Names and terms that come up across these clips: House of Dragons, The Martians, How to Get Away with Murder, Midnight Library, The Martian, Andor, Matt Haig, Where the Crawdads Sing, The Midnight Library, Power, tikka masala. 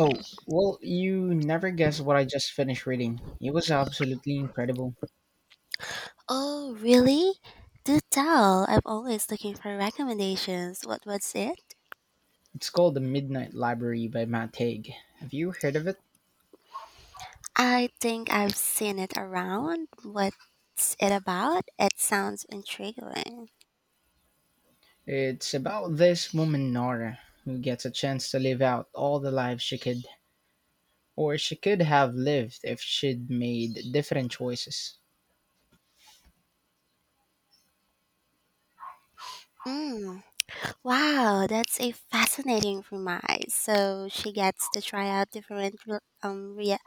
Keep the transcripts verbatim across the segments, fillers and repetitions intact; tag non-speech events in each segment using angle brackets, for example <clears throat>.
Oh, well, you never guess what I just finished reading. It was absolutely incredible. Oh, really? Do tell. I'm always looking for recommendations. What was it? It's called The Midnight Library by Matt Haig. Have you heard of it? I think I've seen it around. What's it about? It sounds intriguing. It's about this woman, Nora, who gets a chance to live out all the lives she could, or she could have lived if she'd made different choices. Mm. Wow, that's a fascinating premise. So she gets to try out different re- um rea-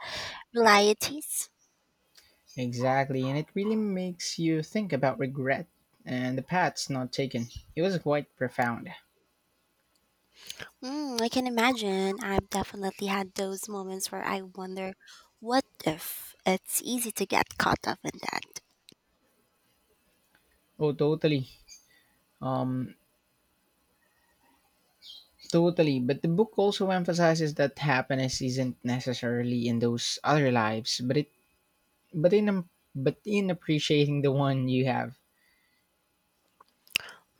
realities. Exactly, and it really makes you think about regret and the paths not taken. It was quite profound. Mm, I can imagine. I've definitely had those moments where I wonder, what if? It's easy to get caught up in that. Oh, totally. Um, Totally. But the book also emphasizes that happiness isn't necessarily in those other lives, but it but in um, but in appreciating the one you have.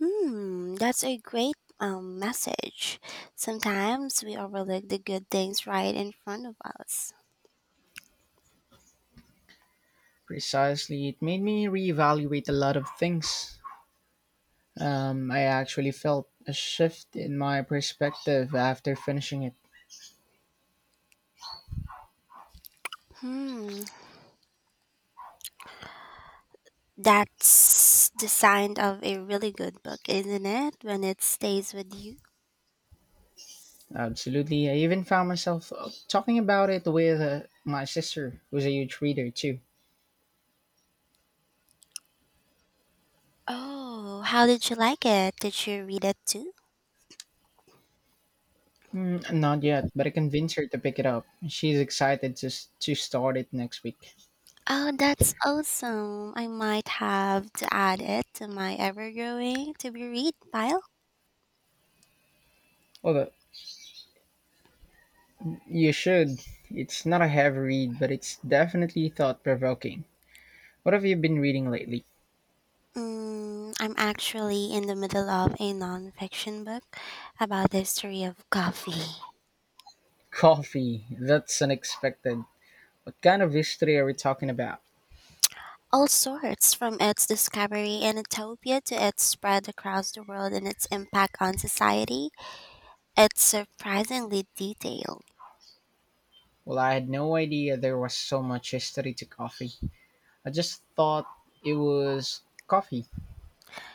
Hmm, that's a great um, message. Sometimes we overlook the good things right in front of us. Precisely, it made me reevaluate a lot of things. Um, I actually felt a shift in my perspective after finishing it. Hmm, that's the sign of a really good book, isn't it? When it stays with you. Absolutely. I even found myself uh, talking about it with uh, my sister, who's a huge reader too. Oh, how did you like it? Did you read it too? Mm, not yet, but I convinced her to pick it up. She's excited to, s- to start it next week. Oh, that's awesome. I might have to add it to my ever growing to be read pile. Although, you should. It's not a heavy read, but it's definitely thought provoking. What have you been reading lately? Mm, I'm actually in the middle of a non fiction book about the history of coffee. Coffee. That's unexpected. What kind of history are we talking about? All sorts, from its discovery in Utopia to its spread across the world and its impact on society. It's surprisingly detailed. Well, I had no idea there was so much history to coffee. I just thought it was coffee.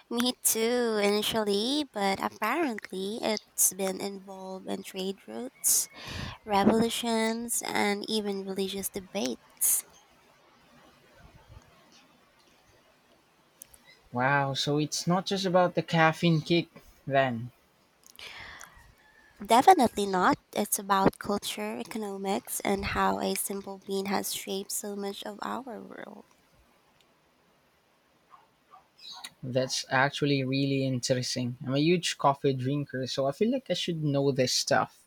Me too, initially, but apparently it's been involved in trade routes, revolutions, and even religious debates. Wow, so it's not just about the caffeine kick then. Definitely not. It's about culture, economics, and how a simple bean has shaped so much of our world. That's actually really interesting. I'm a huge coffee drinker, so I feel like I should know this stuff.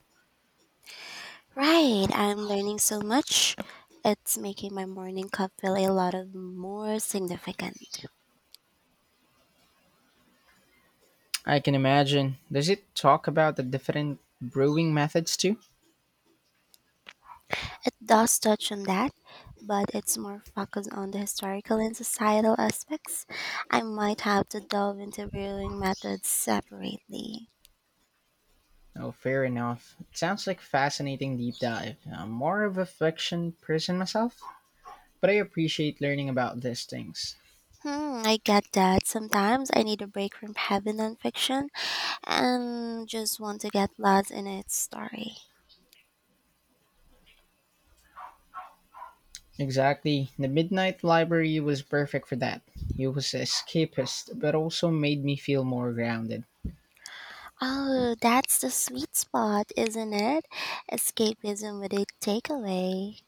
Right, I'm learning so much. It's making my morning cup feel a lot of more significant. I can imagine. Does it talk about the different brewing methods too? It does touch on that, but it's more focused on the historical and societal aspects. I might have to delve into brewing methods separately. Oh, fair enough. It sounds like fascinating deep dive. I'm more of a fiction person myself, but I appreciate learning about these things. Hmm, I get that. Sometimes I need a break from heavy nonfiction and just want to get lost in its story. Exactly. The Midnight Library was perfect for that. It was escapist, but also made me feel more grounded. Oh, that's the sweet spot, isn't it? Escapism with a takeaway.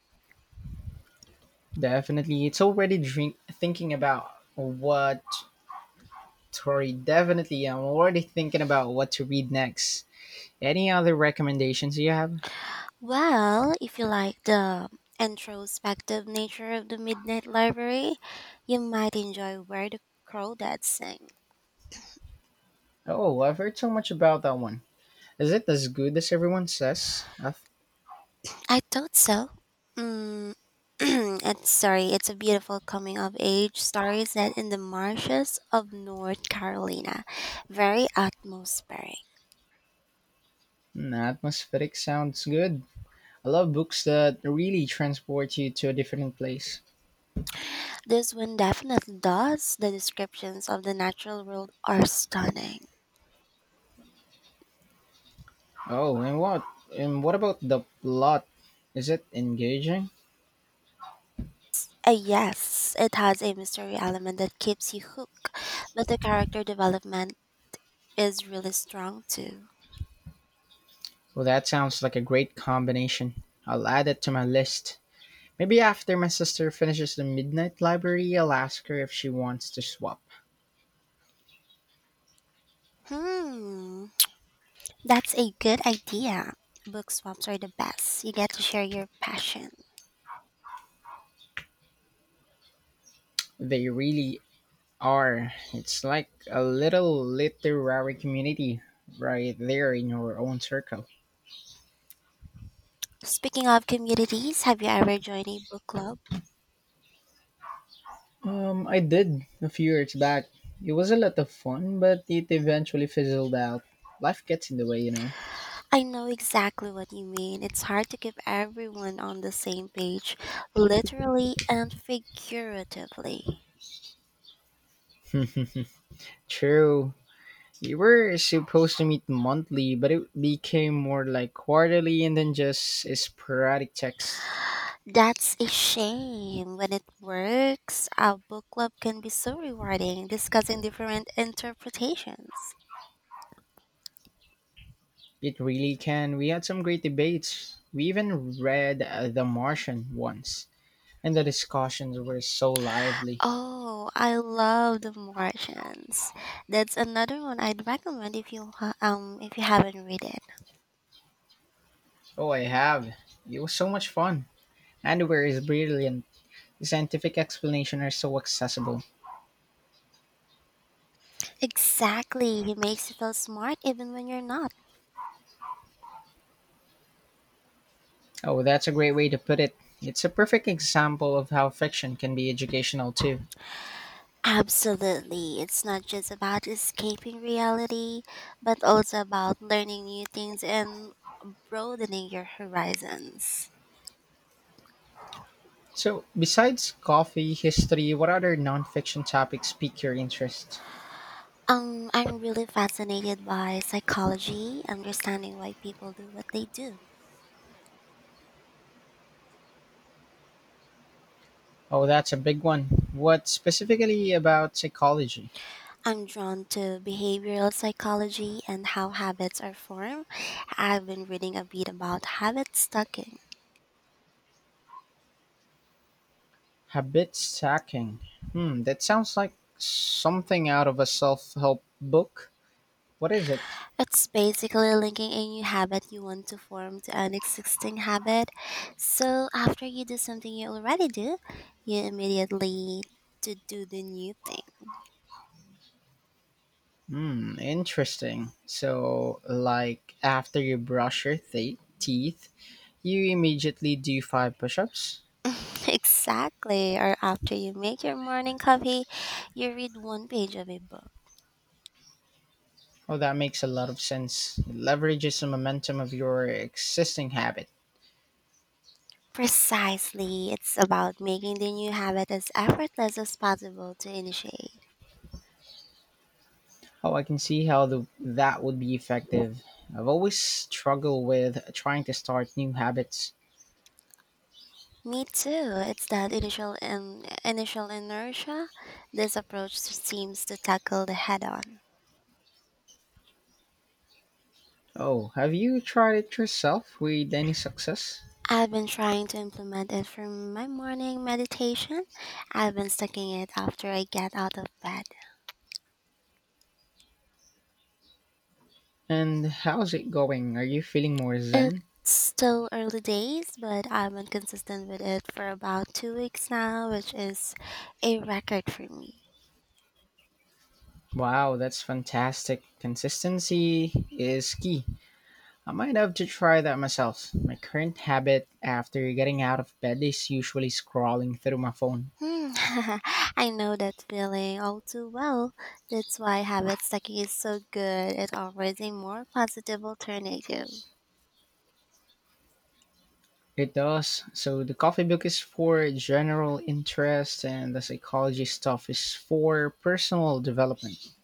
Definitely. It's already drink- thinking about what. Sorry, definitely. I'm already thinking about what to read next. Any other recommendations you have? Well, if you like the introspective nature of the Midnight Library, you might enjoy Where the Crawdads Sing. Oh, I've heard so much about that one. Is it as good as everyone says? Ath- I thought so. Mm, <clears throat> and sorry, it's a beautiful coming of age story set in the marshes of North Carolina. Very atmospheric. Mm, atmospheric sounds good. I love books that really transport you to a different place. This one definitely does. The descriptions of the natural world are stunning. Oh, and what and what about the plot? Is it engaging? Uh, yes, it has a mystery element that keeps you hooked, but the character development is really strong too. Well, that sounds like a great combination. I'll add it to my list. Maybe after my sister finishes the Midnight Library, I'll ask her if she wants to swap. Hmm, that's a good idea. Book swaps are the best. You get to share your passion. They really Or it's like a little literary community right there in your own circle. Speaking of communities, have you ever joined a book club? Um, I did a few years back. It was a lot of fun, but it eventually fizzled out. Life gets in the way, you know. I know exactly what you mean. It's hard to keep everyone on the same page, literally and figuratively. <laughs> True. We were supposed to meet monthly, but it became more like quarterly and then just sporadic texts. That's a shame. When it works, a book club can be so rewarding, discussing different interpretations. It really can. We had some great debates. We even read uh, The Martian once, and the discussions were so lively. Oh, I love The Martians. That's another one I'd recommend if you ha- um if you haven't read it. Oh, I have. It was so much fun. Andor is brilliant. The scientific explanations are so accessible. Exactly, he makes you feel smart even when you're not. Oh, that's a great way to put it. It's a perfect example of how fiction can be educational too. Absolutely, it's not just about escaping reality, but also about learning new things and broadening your horizons. So, besides coffee, history, what other nonfiction topics pique your interest? Um, I'm really fascinated by psychology, understanding why people do what they do. Oh, that's a big one. What specifically about psychology? I'm drawn to behavioral psychology and how habits are formed. I've been reading a bit about habit stacking. Habit stacking. Hmm, that sounds like something out of a self help book. What is it? It's basically linking a new habit you want to form to an existing habit. So after you do something you already do, you immediately to do the new thing. Hmm, interesting. So, like after you brush your th- teeth, you immediately do five push ups? <laughs> Exactly. Or after you make your morning coffee, you read one page of a book. Oh, that makes a lot of sense. It leverages the momentum of your existing habit. Precisely. It's about making the new habit as effortless as possible to initiate. Oh, I can see how the, that would be effective. I've always struggled with trying to start new habits. Me too. It's that initial in, initial inertia. This approach seems to tackle the head on. Oh, have you tried it yourself with any success? I've been trying to implement it for my morning meditation. I've been studying it after I get out of bed. And how's it going? Are you feeling more zen? It's still early days, but I've been consistent with it for about two weeks now, which is a record for me. Wow, that's fantastic. Consistency is key. I might have to try that myself. My current habit after getting out of bed is usually scrolling through my phone. Hmm, <laughs> I know that feeling all too well. That's why habit stacking is so good. It offers a more positive alternative. It does. So the coffee book is for general interest and the psychology stuff is for personal development.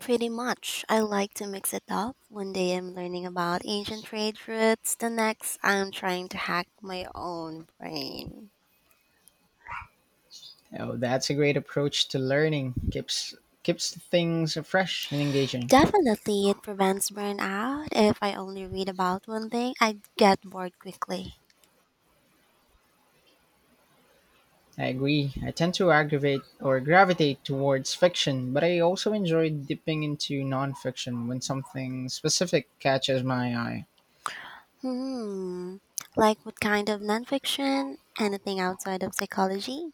Pretty much. I like to mix it up. One day I'm learning about ancient trade routes, the next I'm trying to hack my own brain. Oh, that's a great approach to learning. Keeps keeps things fresh and engaging. Definitely, it prevents burnout. If I only read about one thing, I get bored quickly. I agree. I tend to aggravate or gravitate towards fiction, but I also enjoy dipping into nonfiction when something specific catches my eye. Hmm, like what kind of nonfiction? Anything outside of psychology?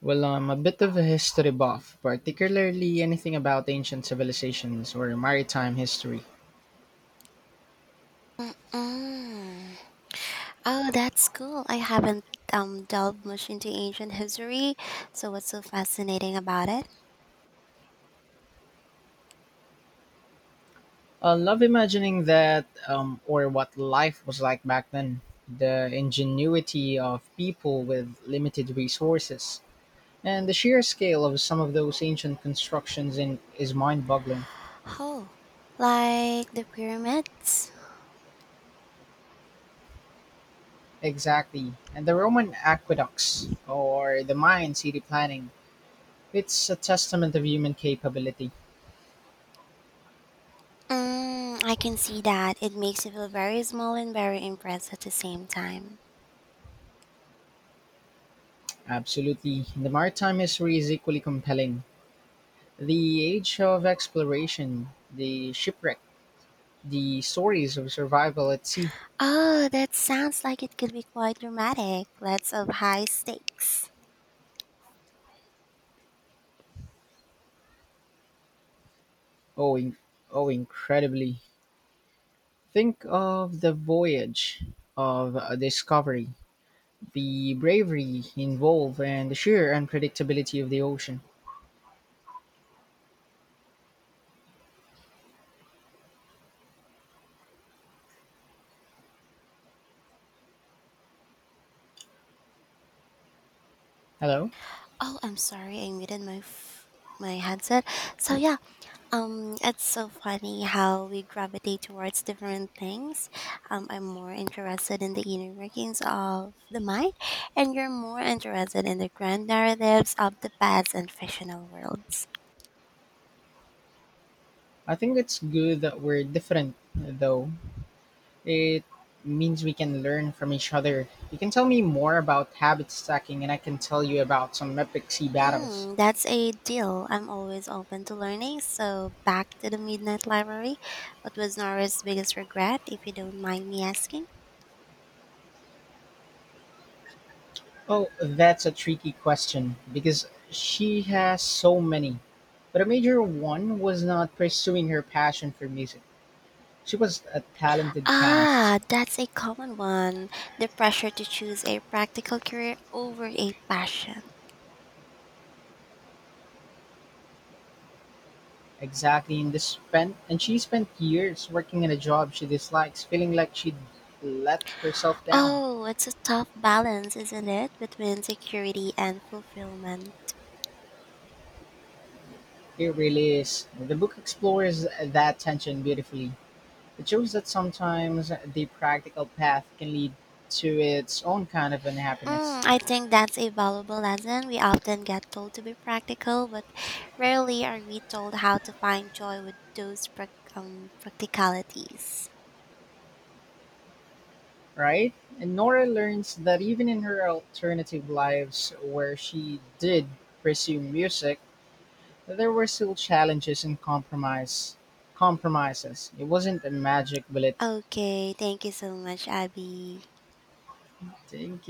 Well, I'm a bit of a history buff, particularly anything about ancient civilizations or maritime history. Mm. Oh, that's cool. I haven't um, delved much into ancient history, so what's so fascinating about it? I love imagining that um, or what life was like back then, the ingenuity of people with limited resources, and the sheer scale of some of those ancient constructions in, is mind boggling. Oh, like the pyramids? Exactly. And the Roman aqueducts or the Mayan city planning, it's a testament of human capability. Mm, I can see that. It makes you feel very small and very impressed at the same time. Absolutely. The maritime history is equally compelling. The age of exploration, the shipwreck, the stories of survival at sea. Oh, that sounds like it could be quite dramatic. Lots of high stakes. Oh, in- oh incredibly. Think of the voyage of uh, discovery, the bravery involved, and the sheer unpredictability of the ocean. Hello? Oh, I'm sorry, I muted my f- my headset. So yeah, Um, it's so funny how we gravitate towards different things. Um, I'm more interested in the inner workings of the mind, and you're more interested in the grand narratives of the past and fictional worlds. I think it's good that we're different, though. It means we can learn from each other. You can tell me more about habit stacking, and I can tell you about some epic sea battles. Hmm, that's a deal. I'm always open to learning. So back to the Midnight Library. What was Nora's biggest regret, if you don't mind me asking? Oh, that's a tricky question because she has so many. But a major one was not pursuing her passion for music. She was a talented pianist. Ah, that's a common one. The pressure to choose a practical career over a passion. Exactly, and this spent and she spent years working in a job she dislikes, feeling like she'd let herself down. Oh, it's a tough balance, isn't it, between security and fulfillment? It really is. The book explores that tension beautifully. It shows that sometimes the practical path can lead to its own kind of unhappiness. Mm, I think that's a valuable lesson. We often get told to be practical, but rarely are we told how to find joy with those prac um, practicalities. Right? And Nora learns that even in her alternative lives, where she did pursue music, there were still challenges and compromise compromises. It wasn't a magic bullet. Okay, thank you so much, Abby. Thank